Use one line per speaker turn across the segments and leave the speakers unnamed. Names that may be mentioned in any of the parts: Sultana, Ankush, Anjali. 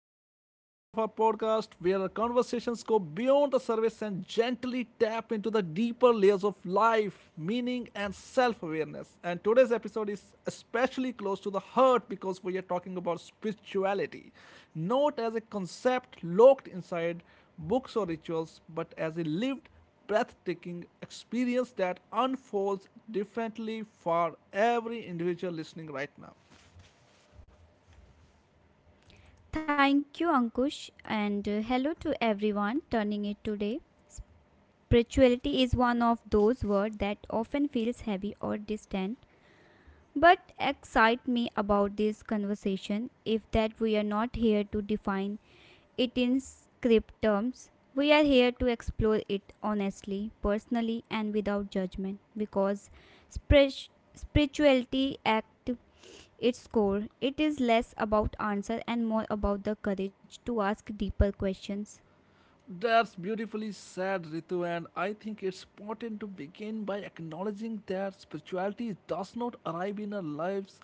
to another episode of our podcast where our conversations go beyond the surface and gently tap into the deeper layers of life, meaning, and self awareness. And today's episode is especially close to the heart because we are talking about spirituality, not as a concept locked inside books or rituals, but as a lived, breathtaking experience that unfolds differently for every individual listening right now.
Thank you, Ankush, and hello to everyone turning it today. Spirituality is one of those words that often feels heavy or distant, but excite me about this conversation. If that we are not here to define it in script terms. We are here to explore it honestly, personally, and without judgment because spir- spirituality at its core it is less about answer and more about the courage to ask deeper questions
That's beautifully said, Ritu, and I think it's important to begin by acknowledging that spirituality does not arrive in our lives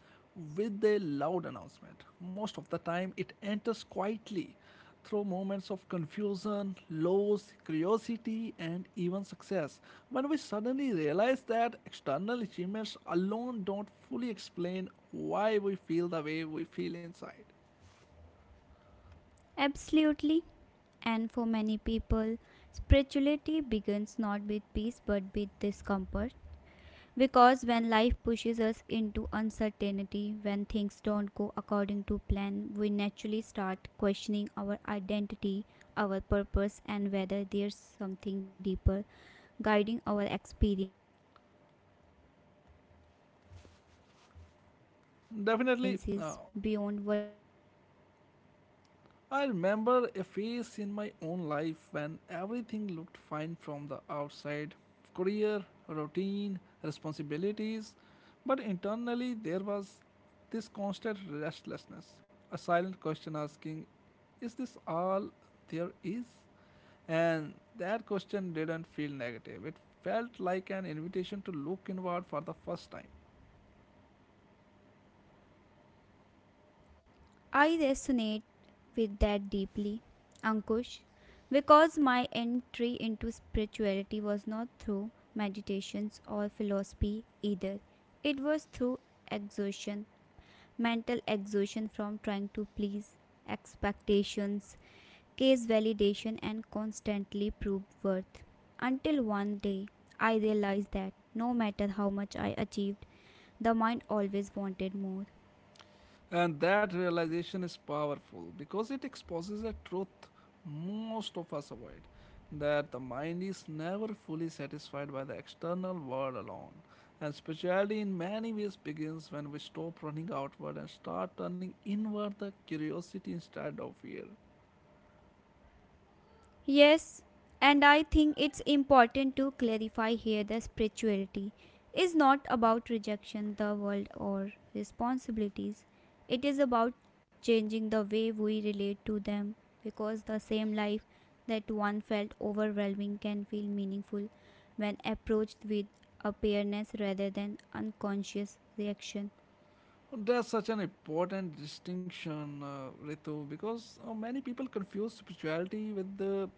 with a loud announcement. Most of the time, it enters quietly through moments of confusion, loss, curiosity, and even success. When we suddenly realize that external achievements alone don't fully explain why we feel the way we feel inside.
absolutely and for many people spirituality begins not with peace but with discomfort. Because when life pushes us into uncertainty, when things don't go according to plan, we naturally start questioning our identity, our purpose, and whether there's something deeper guiding our experiences beyond what we can see or control.
Definitely. I remember a phase in my own life when everything looked fine from the outside career, routine, responsibilities but internally there was this constant restlessness, a silent question asking, is this all there is? And that question didn't feel negative, it felt like an invitation to look inward for the first time.
I resonate with that deeply, Ankush, because my entry into spirituality was not through meditations or philosophy either, it was through exhaustion mental exhaustion from trying to please expectations, case validation, and constantly prove worth. Until one day, I realized that no matter how much I achieved, the mind always wanted more.
And that realization is powerful because it exposes a truth most of us avoid that the mind is never fully satisfied by the external world alone. And spirituality, in many ways, begins when we stop running outward and start turning inward the curiosity instead of fear.
Yes, and I think it's important to clarify here that spirituality is not about rejection the world or responsibilities. It is about changing the way we relate to them because the same life that one felt overwhelming can feel meaningful when approached with awareness rather than unconscious reaction.
Oh, that's such an important distinction, Ritu, because many people confuse spirituality with the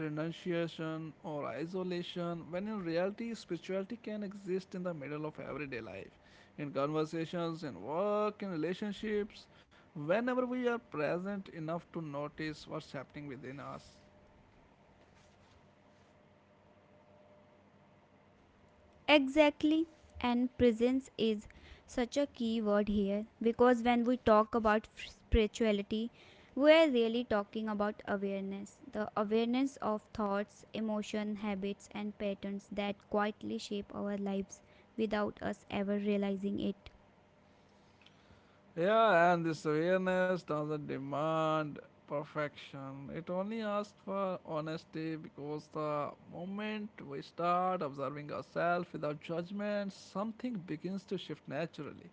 renunciation or isolation, when in reality, spirituality can exist in the middle of everyday life, in conversations, in work, in relationships, whenever we are present enough to notice what's happening within us.
Exactly. And presence is such a key word here because when we talk about spirituality, we are really talking about awareness the awareness of thoughts, emotion, habits, and patterns that quietly shape our lives without us ever realizing it.
Yeah, and this awareness doesn't demand perfection. It only asks for honesty because the moment we start observing ourselves without judgment, something begins to shift naturally.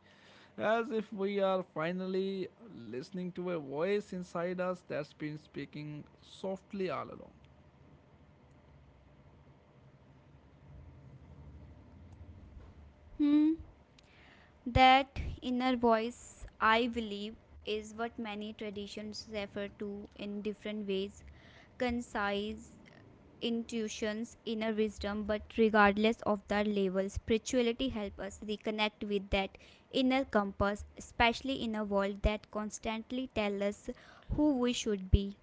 As if we are finally listening to a voice inside us that's been speaking softly all along.
Hmm. That inner voice, I believe, is what many traditions refer to in different ways concise intuitions, inner wisdom, but regardless of their level, spirituality helps us reconnect with that inner compass, especially in a world that constantly tells us who we should be.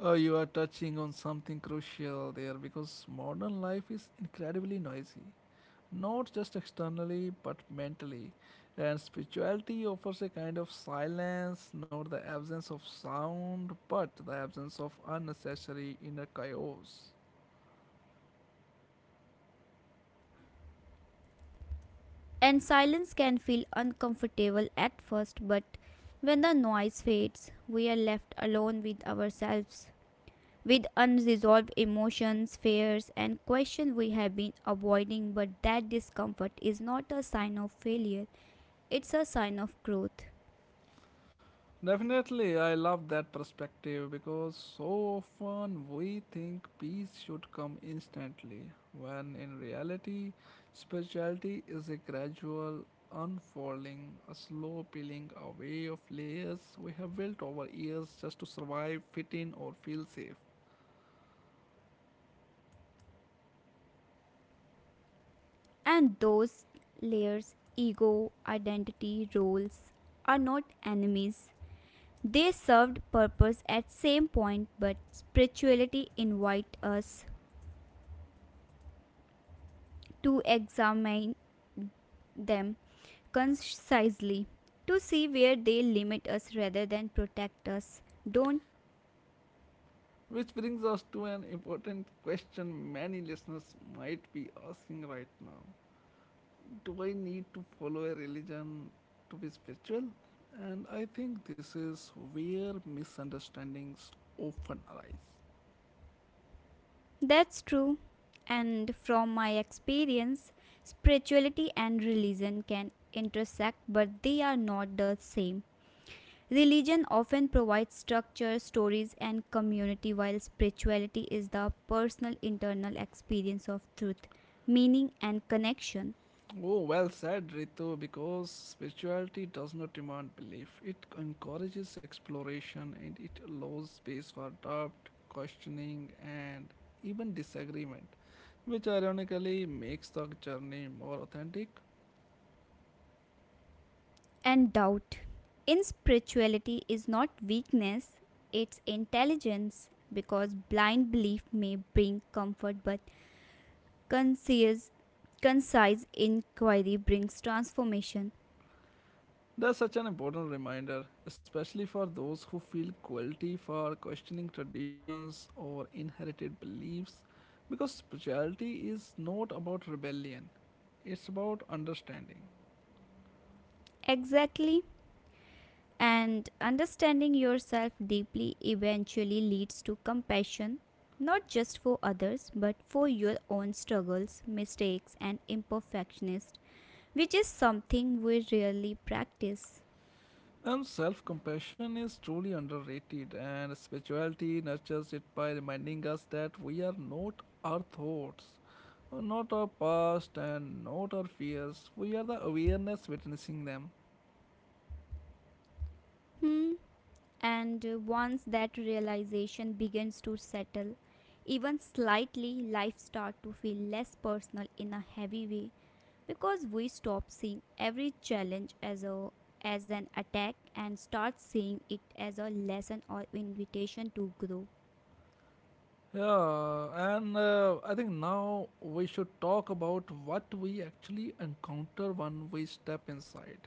Oh, you are touching on something crucial there because modern life is incredibly noisy. Not just externally but mentally. And spirituality offers a kind of silence, not the absence of sound, but the absence of unnecessary inner chaos.
And silence can feel uncomfortable at first, but when the noise fades, we are left alone with ourselves, with unresolved emotions, fears, and questions we have been avoiding. But that discomfort is not a sign of failure, it's a sign of growth.
Definitely, I love that perspective because so often we think peace should come instantly, when in reality, spirituality is a gradual unfolding, a slow peeling away of layers we have built over years just to survive, fit in, or feel safe.
And those layers, ego, identity, roles, are not enemies. They served purpose at same point, but spirituality invite us to examine them concisely, to see where they limit us rather than protect us. Don't
Which brings us to an important question many listeners might be asking right now. Do I need to follow a religion to be spiritual? And I think this is where misunderstandings often arise.
that's true. And from my experience, spirituality and religion can intersect, but they are not the same. Religion often provides structure, stories, and community, while spirituality is the personal internal experience of truth, meaning, and connection.
Oh, well said, Ritu, because spirituality does not demand belief. It encourages exploration and it allows space for doubt, questioning, and even disagreement, which ironically makes the journey more authentic.
And doubt. In spirituality is not weakness, it's intelligence, because blind belief may bring comfort, but conscious concise inquiry brings transformation.
That's such an important reminder, especially for those who feel guilty for questioning traditions or inherited beliefs, because spirituality is not about rebellion, it's about understanding.
Exactly. And understanding yourself deeply eventually leads to compassion, not just for others, but for your own struggles, mistakes, and imperfections, which is something we rarely practice.
And self compassion is truly underrated, and spirituality nurtures it by reminding us that we are not our thoughts, not our past, and not our fears. We are the awareness witnessing them.
Hmm. And once that realization begins to settle, even slightly, life starts to feel less personal in a heavy way because we stop seeing every challenge as a as an attack and start seeing it as a lesson or invitation to grow.
Yeah, and I think now we should talk about what we actually encounter when we step inside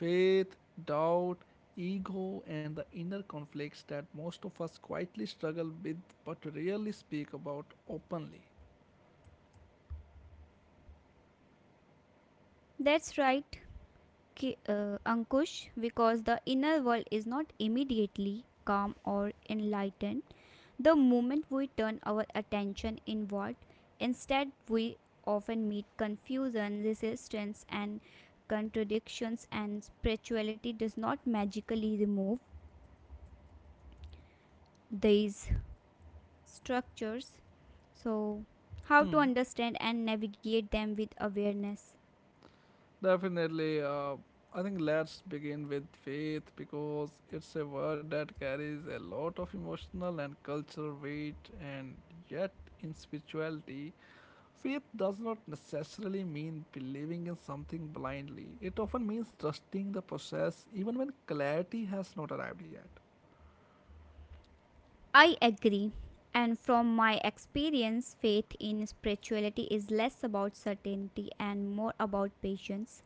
faith, doubt, ego, and the inner conflicts that most of us quietly struggle with but rarely speak about openly.
That's right, Ankush, because the inner world is not immediately calm or enlightened. The moment we turn our attention inward, instead, we often meet confusion, resistance, and contradictions, and spirituality does not magically remove these structures. So, how to
Hmm.
understand and navigate them with awareness.
Definitely, I think let's begin with faith because it's a word that carries a lot of emotional and cultural weight, and yet in spirituality faith does not necessarily mean believing in something blindly. It often means trusting the process even when clarity has not arrived yet.
I agree. And from my experience, faith in spirituality is less about certainty and more about patience.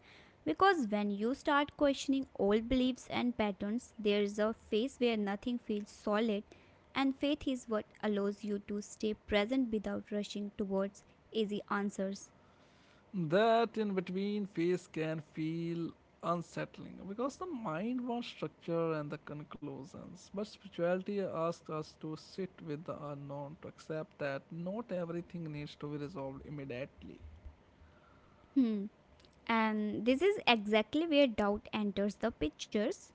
Because when you start questioning old beliefs and patterns, there is a phase where nothing feels solid, and faith is what allows you to stay present without rushing towards easy answers.
That in between phase can feel unsettling because the mind wants structure and the conclusions. But spirituality asks us to sit with the unknown, to accept that not everything needs to be resolved immediately.
Hmm. And this is exactly where doubt enters the pictures.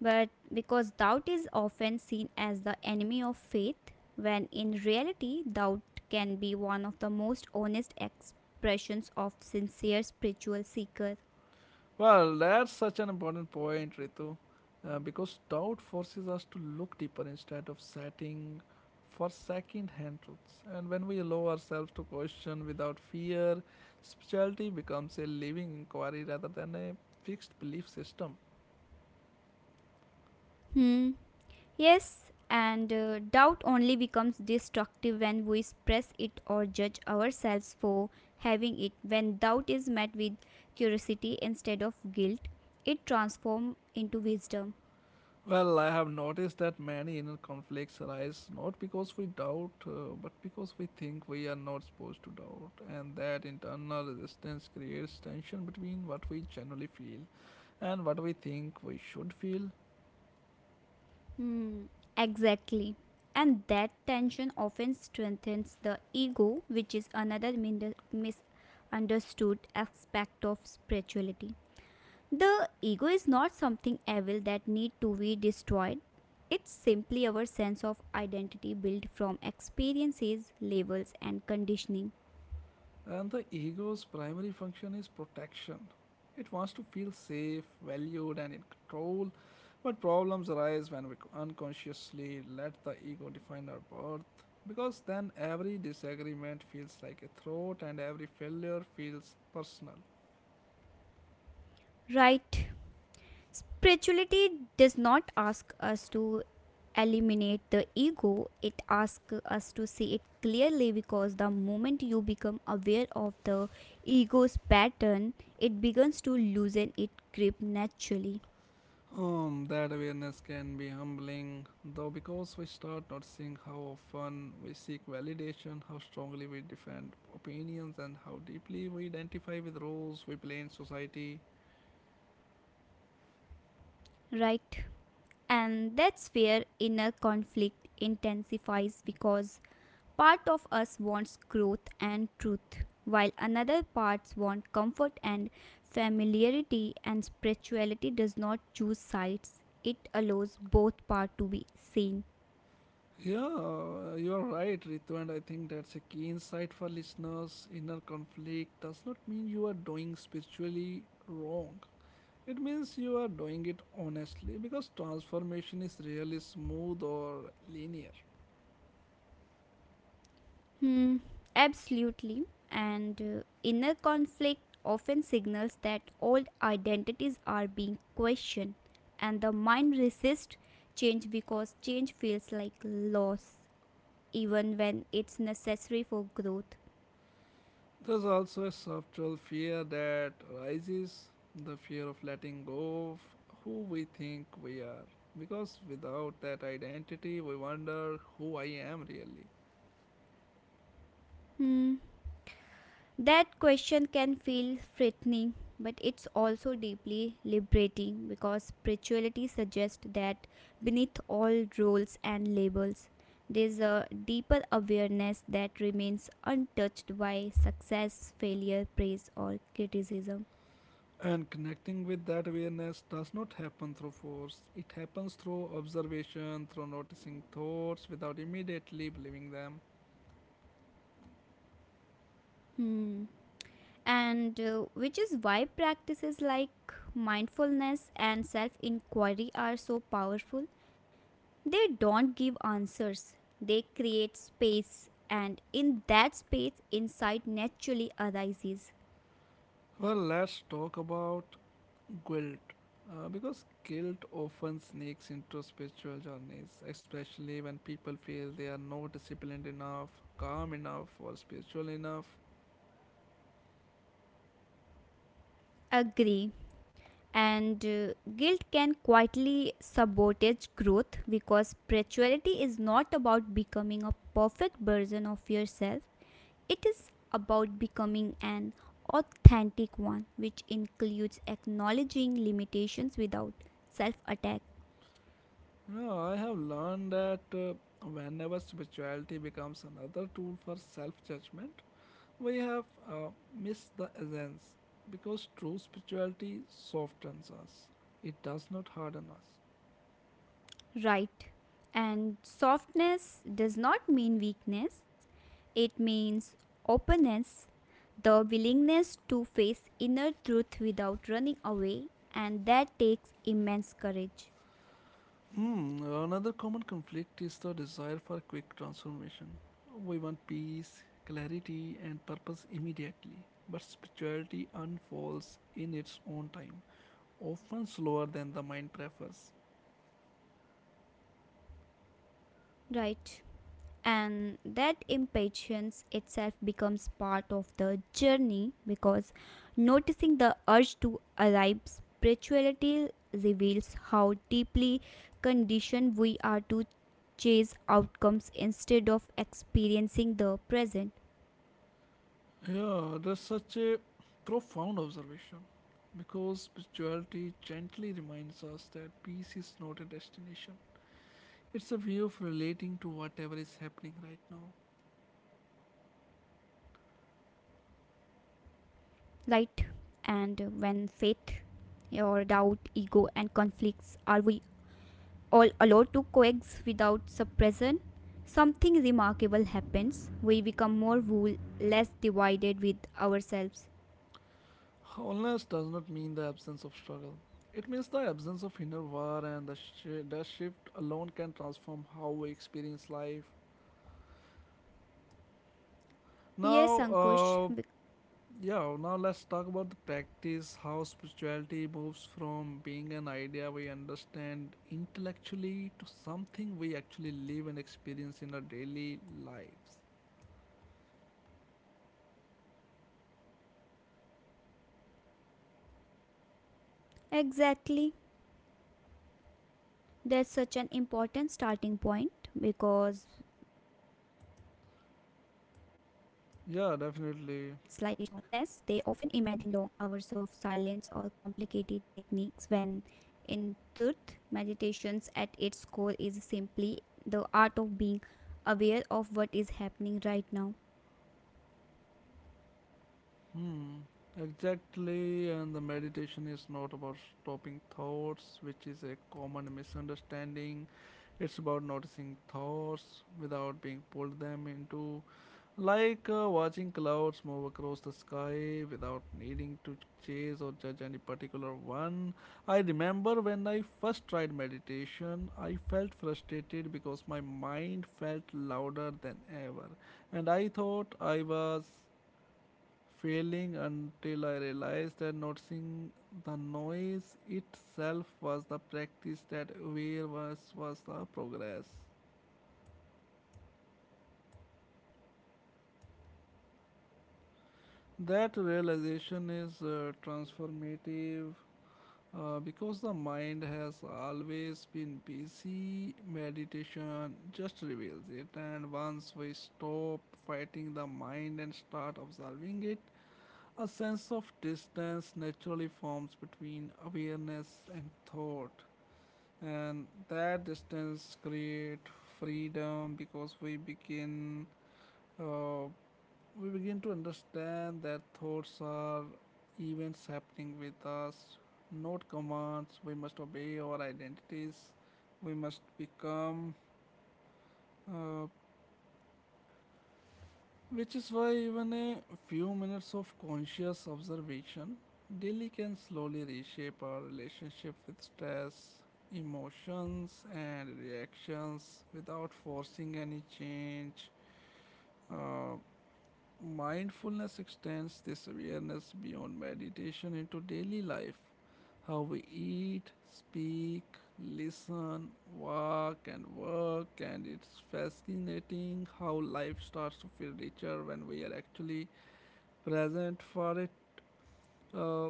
But because doubt is often seen as the enemy of faith, when in reality, doubt can be one of the most honest expressions of sincere spiritual seeker.
Well, that's such an important point, Ritu, because doubt forces us to look deeper instead of setting for second hand truths. And when we allow ourselves to question without fear, spirituality becomes a living inquiry rather than a fixed belief system.
Hmm. Yes, and doubt only becomes destructive when we suppress it or judge ourselves for having it. When doubt is met with curiosity instead of guilt, it transforms into wisdom.
Well, I have noticed that many inner conflicts arise not because we doubt, but because we think we are not supposed to doubt, and that internal resistance creates tension between what we generally feel and what we think we should feel.
Hmm, exactly. And that tension often strengthens the ego, which is another misunderstood aspect of spirituality. The ego is not something evil that need to be destroyed. It's simply our sense of identity built from experiences, labels and conditioning.
And the ego's primary function is protection. It wants to feel safe, valued, and in control. But problems arise when we unconsciously let the ego define our worth. Because then every disagreement feels like a threat, and every failure feels personal.
Right. Spirituality does not ask us to eliminate the ego, it asks us to see it clearly because the moment you become aware of the ego's pattern, it begins to loosen its grip naturally,
That awareness can be humbling, though, because we start noticing how often we seek validation, how strongly we defend opinions, and how deeply we identify with roles we play in society.
right? And that's where inner conflict intensifies because Part of us wants growth and truth, while another parts want comfort and familiarity, and spirituality does not choose sides. It allows both parts to be seen.
Yeah, you are right, Ritu, and I think that's a key insight for listeners. Inner conflict does not mean you are doing spiritually wrong. It means you are doing it honestly because transformation is rarely smooth or linear.
Hmm, absolutely. And inner conflict often signals that old identities are being questioned, and the mind resists change because change feels like loss, even when it's necessary for growth.
There's also a subtle fear that rises the fear of letting go of who we think we are. Because without that identity, we wonder who I am really.
Hmm. That question can feel threatening, but it's also deeply liberating because spirituality suggests that beneath all roles and labels, there's a deeper awareness that remains untouched by success, failure, praise, or criticism.
And connecting with that awareness does not happen through force, it happens through observation, through noticing thoughts without immediately believing them.
Hmm. And which is why practices like mindfulness and self inquiry are so powerful. They don't give answers, they create space, and in that space, insight naturally arises.
Well, let's talk about guilt. Because guilt often sneaks into spiritual journeys, especially when people feel they are not disciplined enough, calm enough, or spiritual enough.
Agree. And guilt can quietly sabotage growth because spirituality is not about becoming a perfect version of yourself, it is about becoming an authentic one, which includes acknowledging limitations without self attack.
Yeah, I have learned that whenever spirituality becomes another tool for self judgment, we have uh, missed the essence because true spirituality softens us, it does not harden us.
Right. And softness does not mean weakness, it means openness, the willingness to face inner truth without running away, and that takes immense courage.
Hmm, another common conflict is the desire for quick transformation. We want peace, clarity, and purpose immediately, but spirituality unfolds in its own time, often slower than the mind prefers.
Right. And that impatience itself becomes part of the journey because noticing the urge to arrive spirituality reveals how deeply conditioned we are to chase outcomes instead of experiencing the present
Yeah, that's such a profound observation because spirituality gently reminds us that peace is not a destination. It's a way of relating to whatever is happening right now.
right and when faith or doubt ego and conflicts are we all allowed to coexist without suppression, something remarkable happens. We become more whole, less divided with ourselves.
Wholeness does not mean the absence of struggle. It means the absence of inner war, and the shift alone can transform how we experience life.
Yes,
Now,
Ankush,
uh, yeah, now let's talk about the practice how spirituality moves from being an idea we understand intellectually to something we actually live and experience in our daily lives.
exactly. That's such an important starting point because when people hear words like meditations or
Yeah, definitely.
Mindfulness, they often imagine long hours of silence or complicated techniques when, in truth, meditations at its core is simply the art of being aware of what is happening right now.
Hmm, exactly, and the meditation is not about stopping thoughts, which is a common misunderstanding. It's about noticing thoughts without being pulled them into, like watching clouds move across the sky without needing to chase or judge any particular one. I remember when I first tried meditation, I felt frustrated because my mind felt louder than ever, and I thought I was failing until I realized that noticing the noise itself was the practice that awareness was the progress. That realization is transformative because the mind has always been busy, meditation just reveals it. And once we stop fighting the mind and start observing it, a sense of distance naturally forms between awareness and thought. And that distance create freedom because uh, we begin to understand that thoughts are events happening with us not commands we must obey our identities we must become uh, Which is why even a few minutes of conscious observation daily can slowly reshape our relationship with stress, emotions, and reactions without forcing any change. uh, Mindfulness extends this awareness beyond meditation into daily life. How we eat, speak, listen, walk, and work, and it's fascinating how life starts to feel richer when we are actually present for it. Uh,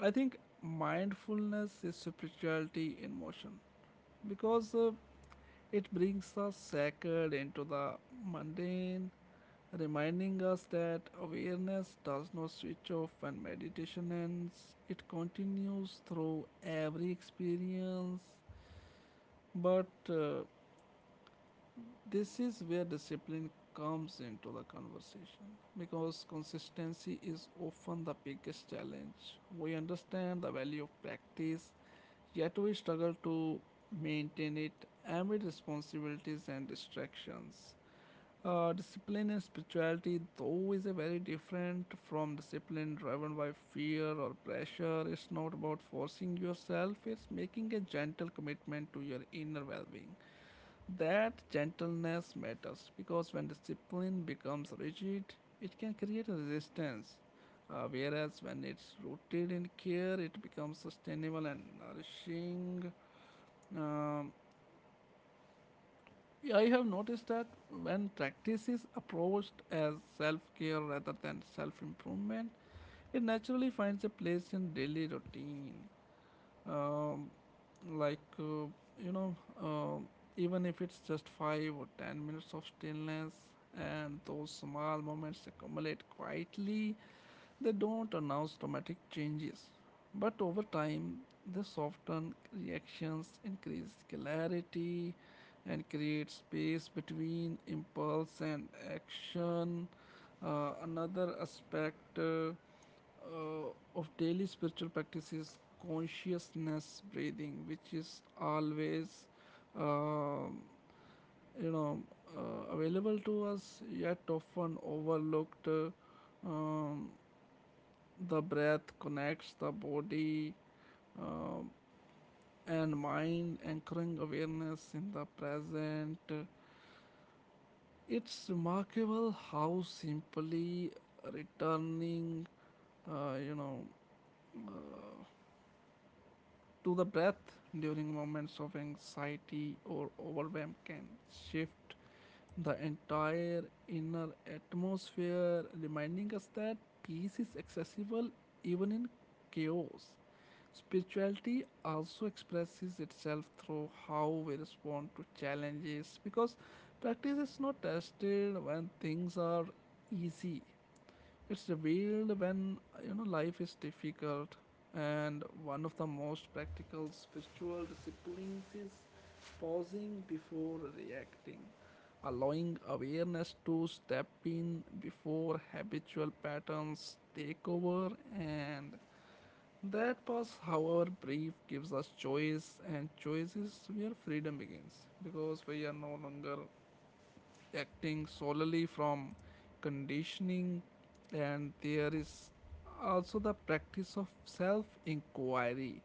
I think mindfulness is spirituality in motion because it brings the sacred into the mundane reminding us that awareness does not switch off when meditation ends, it continues through every experience. But this is where discipline comes into the conversation because consistency is often the biggest challenge. We understand the value of practice, yet we struggle to maintain it amid responsibilities and distractions. Discipline and spirituality, though, is a very different from discipline driven by fear or pressure. It's not about forcing yourself, it's making a gentle commitment to your inner well being. That gentleness matters because when discipline becomes rigid, it can create a resistance. Whereas when it's rooted in care, it becomes sustainable and nourishing. Um, yeah, I have noticed that when practice is approached as self care rather than self improvement, it naturally finds a place in daily routine. Um, like, uh, you know, um Even if it's just 5 or 10 minutes of stillness, and those small moments accumulate quietly they don't announce dramatic changes, but over time they soften reactions, increase clarity, and create space between impulse and action. Another aspect uh, of daily spiritual practice is consciousness breathing, which is always uh, you know available to us, yet often overlooked. Um, the breath connects the body uh, and mind, anchoring awareness in the present. It's remarkable how simply returning, uh, you know, uh, to the breath during moments of anxiety or overwhelm can shift the entire inner atmosphere, reminding us that peace is accessible even in chaos. Spirituality also expresses itself through how we respond to challenges, because practice is not tested when things are easy. It's revealed when life is difficult, and one of the most practical spiritual disciplines is pausing before reacting, allowing awareness to step in before habitual patterns take over. And that pause, however brief, gives us choice, and choice is where freedom begins, because we are no longer acting solely from conditioning. And there is also the practice of self inquiry,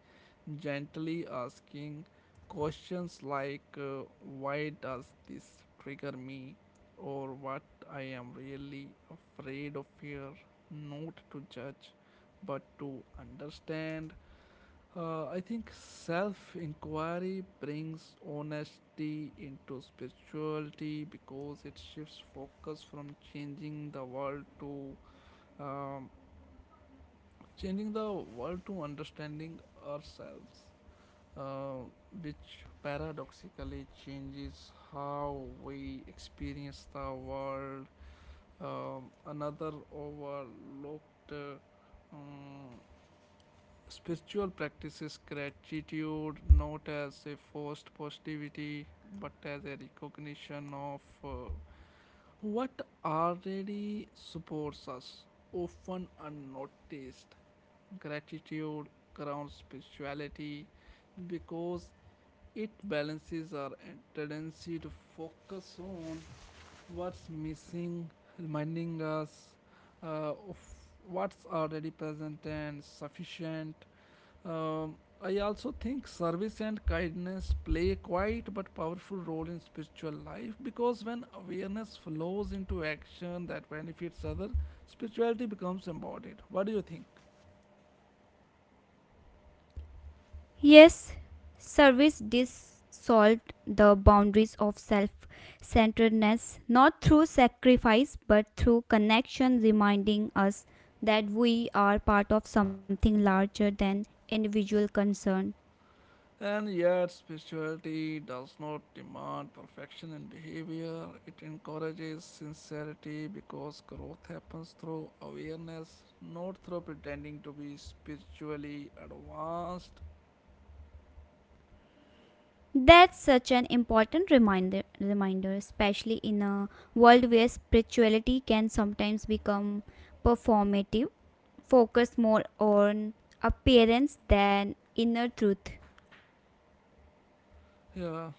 gently asking questions like, why does this trigger me? Or what I am really afraid of here, not to judge but to understand. I think self inquiry brings honesty into spirituality, because it shifts focus from changing the world to um, changing the world to understanding ourselves, uh, which paradoxically changes how we experience the world. Another overlooked spiritual practices gratitude, not as a forced positivity but as a recognition of what already supports us, often unnoticed. Gratitude grounds spirituality because it balances our tendency to focus on what's missing, reminding us of what's already present and sufficient. um, I also think service and kindness play a quiet but powerful role in spiritual life, because when awareness flows into action that benefits others, spirituality becomes embodied. What do you think? And yet, spirituality does not demand perfection in behavior. It encourages sincerity because growth happens through awareness, not through pretending to be spiritually advanced. Yeah,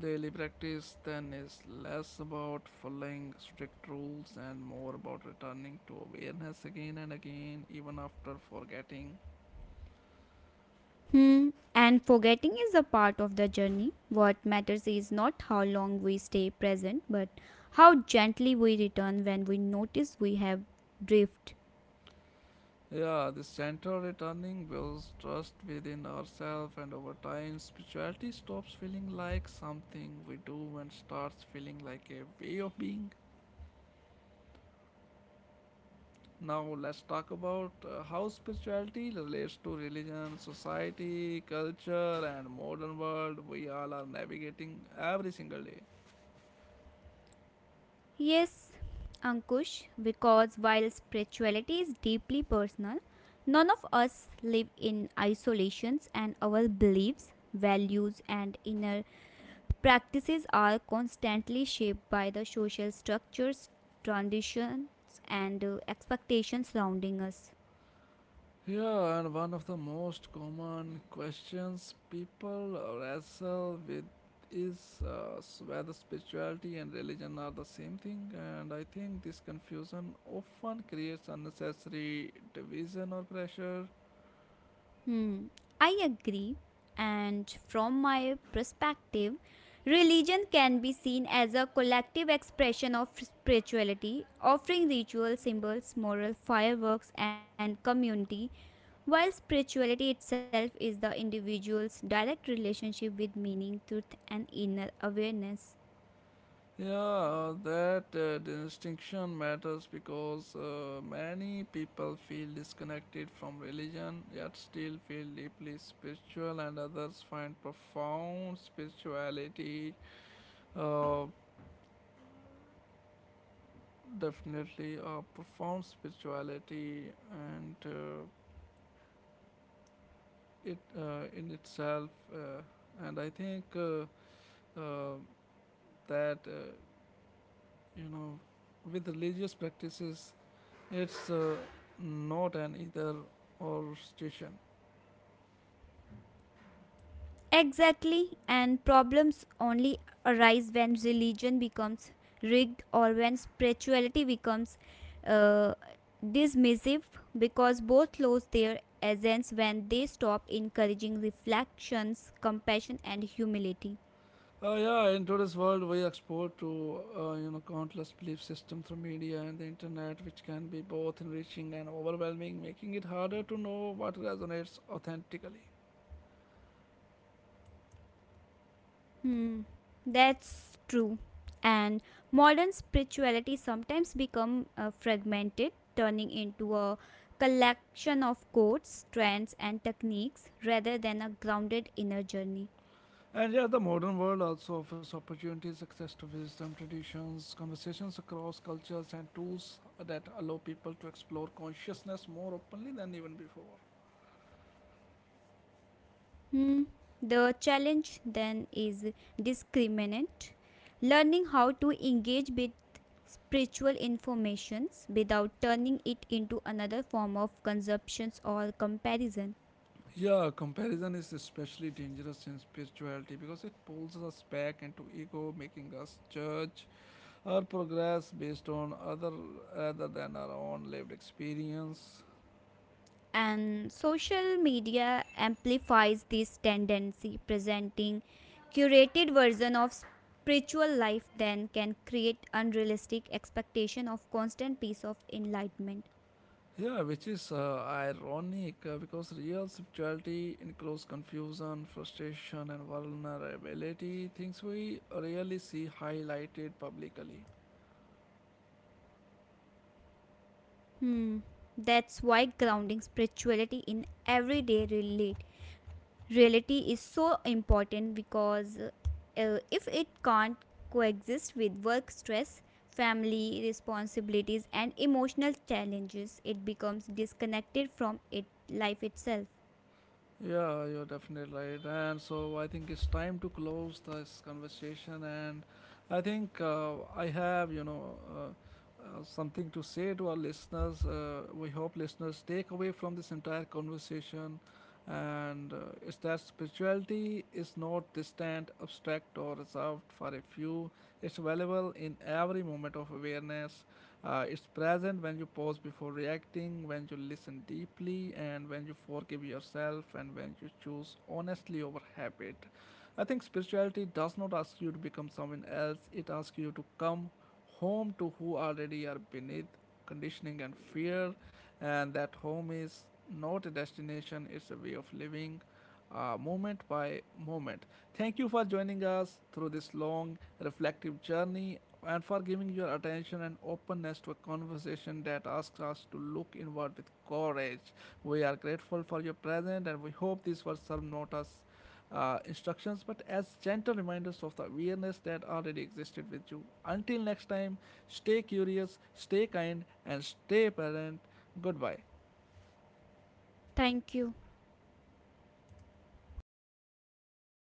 daily practice then is less about following strict rules and more about returning to awareness again and again, even after forgetting. Yeah, this gentle returning builds trust within ourselves, and over time, spirituality stops feeling like something we do and starts feeling like a way of being. Now let's talk about how spirituality relates to religion, society, culture, and modern world we all are navigating every single day. Yeah, and one of the most common questions people wrestle with is whether spirituality and religion are the same thing, and I think this confusion often creates unnecessary division or pressure. Yeah, that distinction matters, because many people feel disconnected from religion yet still feel deeply spiritual, and others find profound spirituality, uh, definitely a profound spirituality, and it in itself. And I think uh, that, you know, With religious practices, it's not an either or situation. Yeah, in today's world, we export to countless belief systems through media and the internet, which can be both enriching and overwhelming, making it harder to know what resonates authentically. And yeah, the modern world also offers opportunities, access to wisdom, traditions, conversations across cultures, and tools that allow people to explore consciousness more openly than even before. Yeah, comparison is especially dangerous in spirituality, because it pulls us back into ego, making us judge our progress based on other rather than our own lived experience. Yeah, which is ironic, because real spirituality includes confusion, frustration, and vulnerability, things we rarely see highlighted publicly. Yeah, you're definitely right. And so I think it's time to close this conversation. And I think I have, something to say to our listeners. We hope listeners take away from this entire conversation. And is that spirituality is not distant, abstract, or reserved for a few. It's available in every moment of awareness. It's present when you pause before reacting, when you listen deeply, and when you forgive yourself, and when you choose honestly over habit. I think spirituality does not ask you to become someone else, it asks you to come home to who already are beneath conditioning and fear, and that home is not a destination, it's a way of living, moment by moment. Thank you for joining us through this long, reflective journey and for giving your attention and openness to a conversation that asks us to look inward with courage. We are grateful for your presence, and we hope these words serve not as instructions but as gentle reminders of the awareness that already existed with you. Until next time, stay curious, stay kind, and stay present. Goodbye.